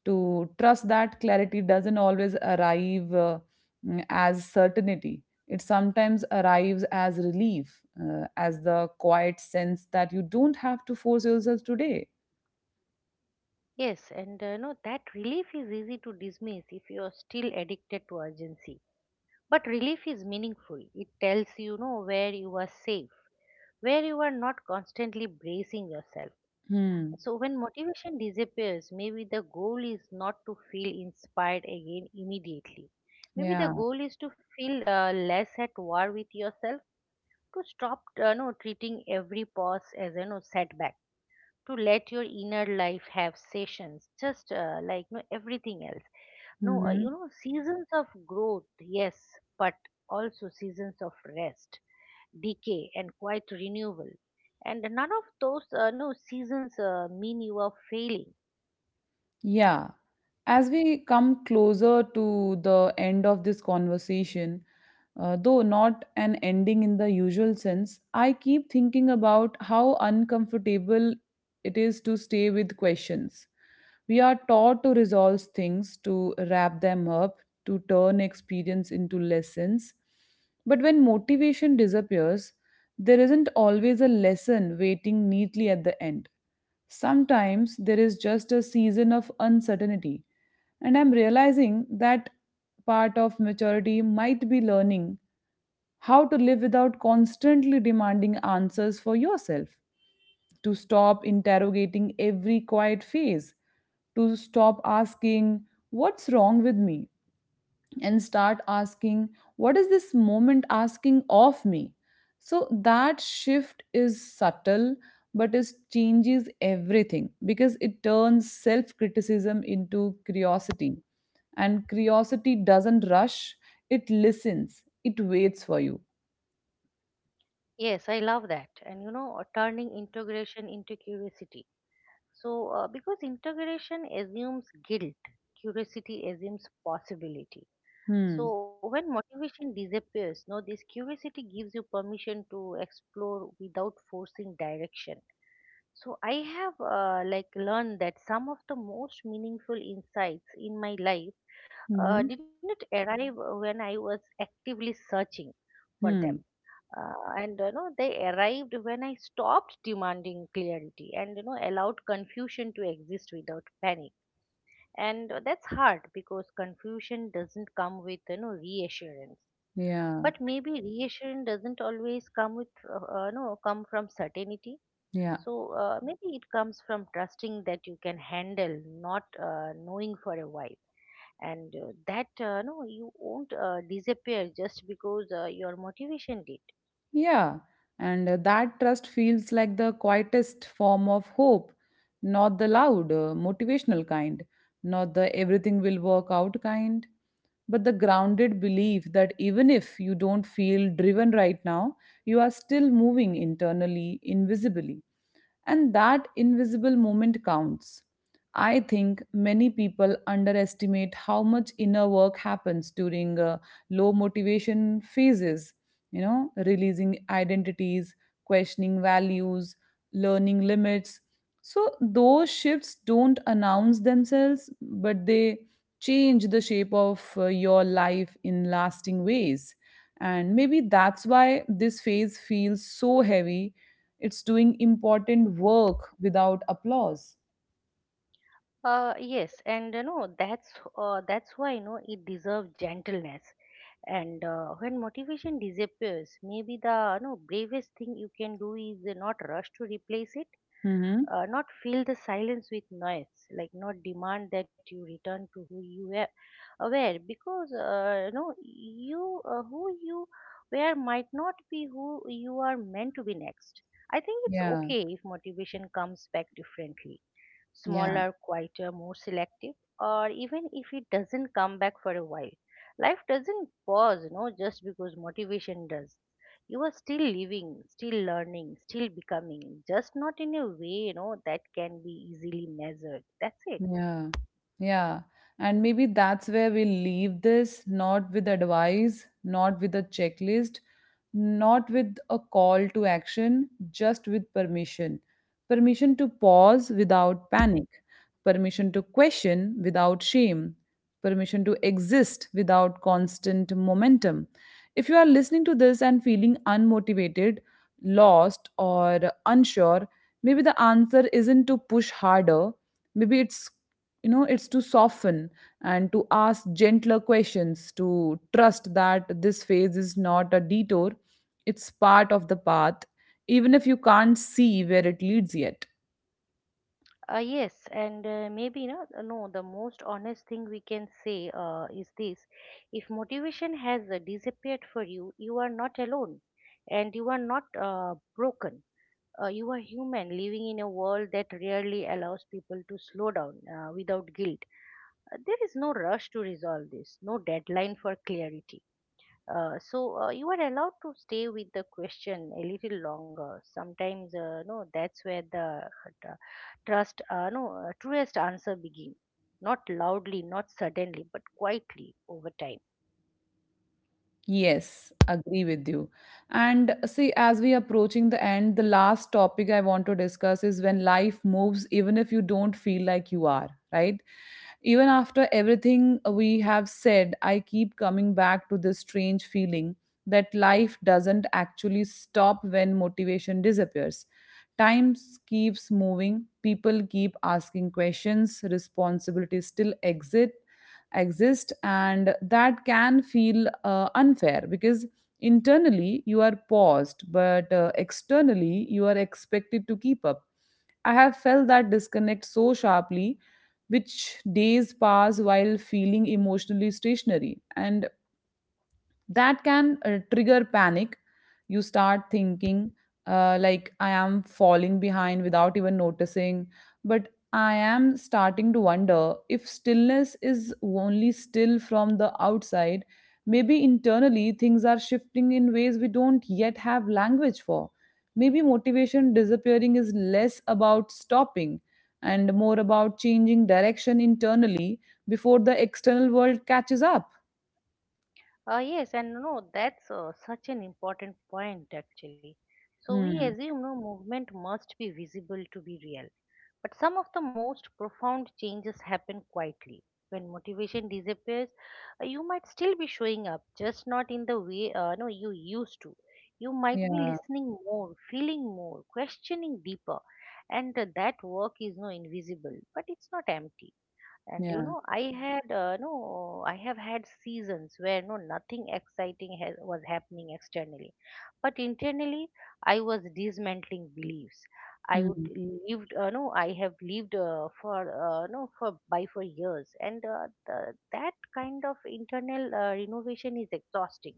S1: to trust that clarity doesn't always arrive as certainty. It sometimes arrives as relief, as the quiet sense that you don't have to force yourself today.
S2: Yes, and no, that relief is easy to dismiss if you are still addicted to urgency. But relief is meaningful. It tells you, know, where you are safe, where you are not constantly bracing yourself.
S1: Hmm.
S2: So when motivation disappears, maybe the goal is not to feel inspired again immediately. Maybe
S1: Yeah.
S2: the goal is to feel less at war with yourself, to stop no, treating every pause as a no setback, to let your inner life have sessions just like no everything else, no you
S1: Mhm.
S2: know, seasons of growth, yes, but also seasons of rest, decay and quiet renewal, and none of those no seasons mean you are failing.
S1: Yeah. As we come closer to the end of this conversation, though not an ending in the usual sense, I keep thinking about how uncomfortable it is to stay with questions. We are taught to resolve things, to wrap them up, to turn experience into lessons. But when motivation disappears, there isn't always a lesson waiting neatly at the end. Sometimes there is just a season of uncertainty, and I'm realizing that part of maturity might be learning how to live without constantly demanding answers for yourself, to stop interrogating every quiet phase, to stop asking, "What's wrong with me?" and start asking, "What is this moment asking of me?" So that shift is subtle, but it changes everything because it turns self criticism into curiosity. And curiosity doesn't rush, it listens, it waits for you.
S2: Yes, I love that. And you know, turning integration into curiosity. So, because integration assumes guilt, curiosity assumes possibility. So,
S1: Hmm.
S2: when motivation disappears, no, this curiosity gives you permission to explore without forcing direction. So, I have like learned that some of the most meaningful insights in my life
S1: Mm-hmm.
S2: did not arrive when I was actively searching for them,
S1: Hmm.
S2: and you know, they arrived when I stopped demanding clarity and you know, allowed confusion to exist without panic. And that's hard because confusion doesn't come with, you know, reassurance.
S1: Yeah.
S2: But maybe reassurance doesn't always come with no, come from certainty.
S1: Yeah.
S2: So maybe it comes from trusting that you can handle not knowing for a while, and that no, you won't disappear just because your motivation did.
S1: Yeah, and that trust feels like the quietest form of hope, not the loud, motivational kind, not the everything will work out kind, but the grounded belief that even if you don't feel driven right now, you are still moving internally, invisibly. And that invisible moment counts. I think many people underestimate how much inner work happens during low motivation phases, you know, releasing identities, questioning values, learning limits. So, those shifts don't announce themselves, but they change the shape of your life in lasting ways. And maybe that's why this phase feels so heavy. It's doing important work without applause.
S2: Yes, and you know, that's why you know, it deserves gentleness. And when motivation disappears, maybe the you know, bravest thing you can do is not rush to replace it,
S1: Mm-hmm.
S2: not fill the silence with noise, like not demand that you return to who you were because you know, you who you were might not be who you are meant to be next. I think it's
S1: Yeah.
S2: okay if motivation comes back differently,
S1: Yeah.
S2: smaller, quieter, more selective, or even if it doesn't come back for a while. Life doesn't pause, you know, just because motivation does. You are still living, still learning, still becoming, just not in a way, you know, that can be easily measured. That's it.
S1: Yeah, yeah. And maybe that's where we leave this, not with advice, not with a checklist, not with a call to action, just with permission. Permission to pause without panic, permission to question without shame, permission to exist without constant momentum. If you are listening to this and feeling unmotivated, lost, or unsure, maybe the answer isn't to push harder. Maybe it's, you know, it's to soften and to ask gentler questions, to trust that this phase is not a detour, it's part of the path, even if you can't see where it leads yet.
S2: Yes, and maybe no. The most honest thing we can say is this: if motivation has disappeared for you, you are not alone, and you are not broken. You are human, living in a world that rarely allows people to slow down without guilt. There is no rush to resolve this, no deadline for clarity. So you are allowed to stay with the question a little longer. Sometimes, no, that's where the trust, no, truest answer begins. Not loudly, not suddenly, but quietly over time.
S1: Yes, agree with you. And see, as we approaching the end, the last topic I want to discuss is when life moves, even if you don't feel like you are, right? Even after everything we have said, I keep coming back to this strange feeling that life doesn't actually stop when motivation disappears. Time keeps moving, people keep asking questions, responsibilities still exist, and that can feel unfair because internally you are paused, but externally you are expected to keep up. I have felt that disconnect so sharply, which days pass while feeling emotionally stationary, and that can trigger panic. You start thinking, like, I am falling behind without even noticing. But I am starting to wonder if stillness is only still from the outside. Maybe internally things are shifting in ways we don't yet have language for. Maybe motivation disappearing is less about stopping and more about changing direction internally before the external world catches up.
S2: Yes, and no, that's such an important point actually. So we
S1: Hmm.
S2: assume no movement must be visible to be real. But some of the most profound changes happen quietly. When motivation disappears, you might still be showing up, just not in the way no, you used to. You might be
S1: Yeah.
S2: listening more, feeling more, questioning deeper, and that work is no invisible, but it's not empty. And you
S1: Yeah.
S2: know, I have had seasons where no, nothing exciting was happening externally, but internally I was dismantling beliefs I would
S1: Mm.
S2: lived no I have lived for no for by for years, and that kind of internal renovation is exhausting.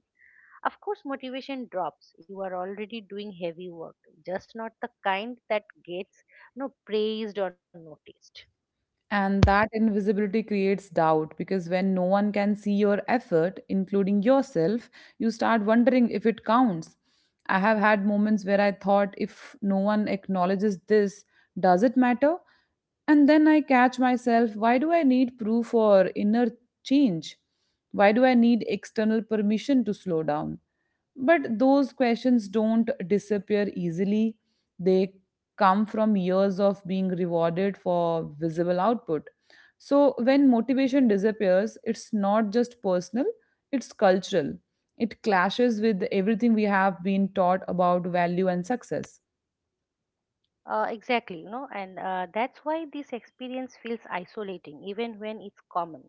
S2: Of course motivation drops, you are already doing heavy work, just not the kind that gets no praised or noticed.
S1: And that invisibility creates doubt because when no one can see your effort, including yourself, you start wondering if it counts. I have had moments where I thought, if no one acknowledges this, does it matter? And then I catch myself, why do I need proof or inner change? Why do I need external permission to slow down? But those questions don't disappear easily. They come from years of being rewarded for visible output. So, when motivation disappears, it's not just personal, it's cultural. It clashes with everything we have been taught about value and success.
S2: Exactly, you know, and that's why this experience feels isolating, even when it's common.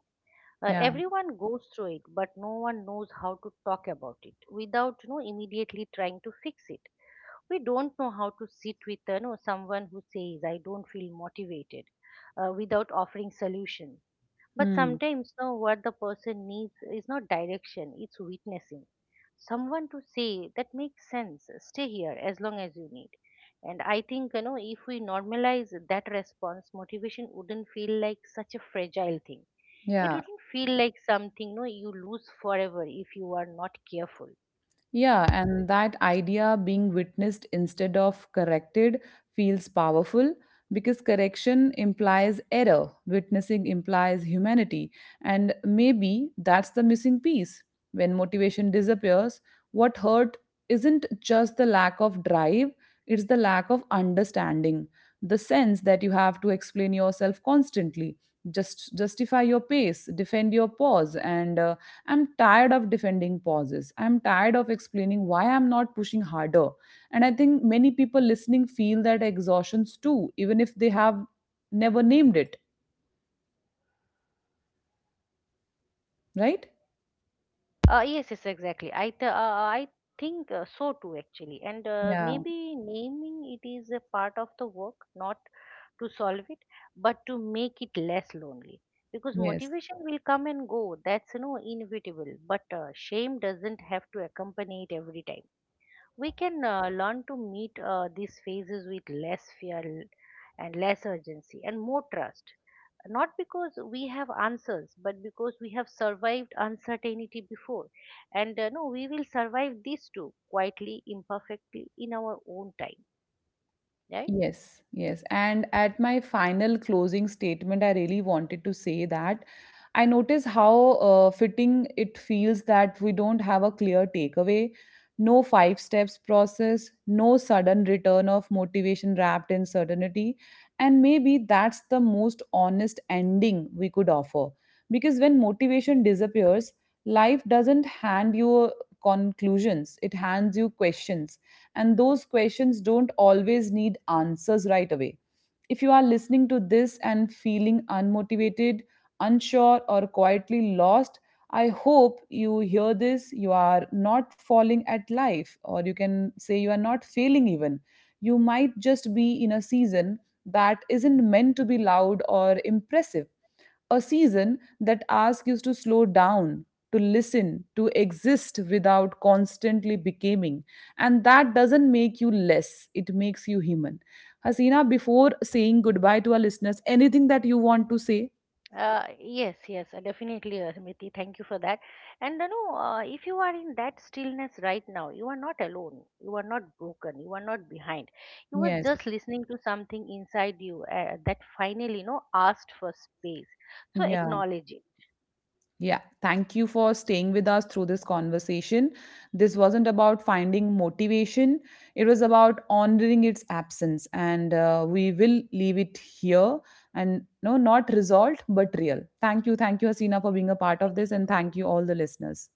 S1: Yeah.
S2: Everyone goes through it, but no one knows how to talk about it without, you know, immediately trying to fix it. We don't know how to sit with, you know, someone who says, "I don't feel motivated," without offering solution. But
S1: Hmm.
S2: sometimes, no, what the person needs is not direction, it's witnessing. Someone to say, that makes sense, stay here as long as you need. And I think, you know, if we normalize that response, motivation wouldn't feel like such a fragile thing. It
S1: Yeah.
S2: wouldn't feel like something, no, you lose forever if you are not careful.
S1: Yeah, and that idea, being witnessed instead of corrected, feels powerful because correction implies error, witnessing implies humanity, and maybe that's the missing piece. When motivation disappears, what hurt isn't just the lack of drive, it's the lack of understanding, the sense that you have to explain yourself constantly, just justify your pace, defend your pause, and I'm tired of defending pauses. I'm tired of explaining why I'm not pushing harder. And I think many people listening feel that exhaustions too, even if they have never named it, right?
S2: Yes, yes, exactly. I think so too, actually. And
S1: Yeah,
S2: maybe naming it is a part of the work, not to solve it, but to make it less lonely. Because
S1: yes.
S2: motivation will come and go. That's you know, inevitable. But shame doesn't have to accompany it every time. We can learn to meet these phases with less fear, and less urgency, and more trust, not because we have answers, but because we have survived uncertainty before, and no, we will survive this too, quietly, imperfectly, in our own time, right?
S1: Yes, yes. And at my final closing statement, I really wanted to say that I notice how fitting it feels that we don't have a clear takeaway, no five steps process, no sudden return of motivation wrapped in certainty. And maybe that's the most honest ending we could offer. Because when motivation disappears, life doesn't hand you conclusions, it hands you questions, and those questions don't always need answers right away. If you are listening to this and feeling unmotivated, unsure, or quietly lost, I hope you hear this. You are not falling at life, or you can say you are not failing even. You might just be in a season that isn't meant to be loud or impressive, a season that asks you to slow down, to listen, to exist without constantly becoming. And that doesn't make you less, it makes you human. Hasina, before saying goodbye to our listeners, anything that you want to say?
S2: Yes, yes, definitely. Smriti, thank you for that. And you know, if you are in that stillness right now, you are not alone, you are not broken, you are not behind. You were
S1: Yes.
S2: just listening to something inside you that finally, you know, asked for space. So
S1: Yeah.
S2: acknowledge it.
S1: Yeah, thank you for staying with us through this conversation. This wasn't about finding motivation, it was about honoring its absence. And we will leave it here and no, not resolved, but real. Thank you. Thank you, Hasina, for being a part of
S2: Thank
S1: this. And
S2: you.
S1: thank you, all the listeners.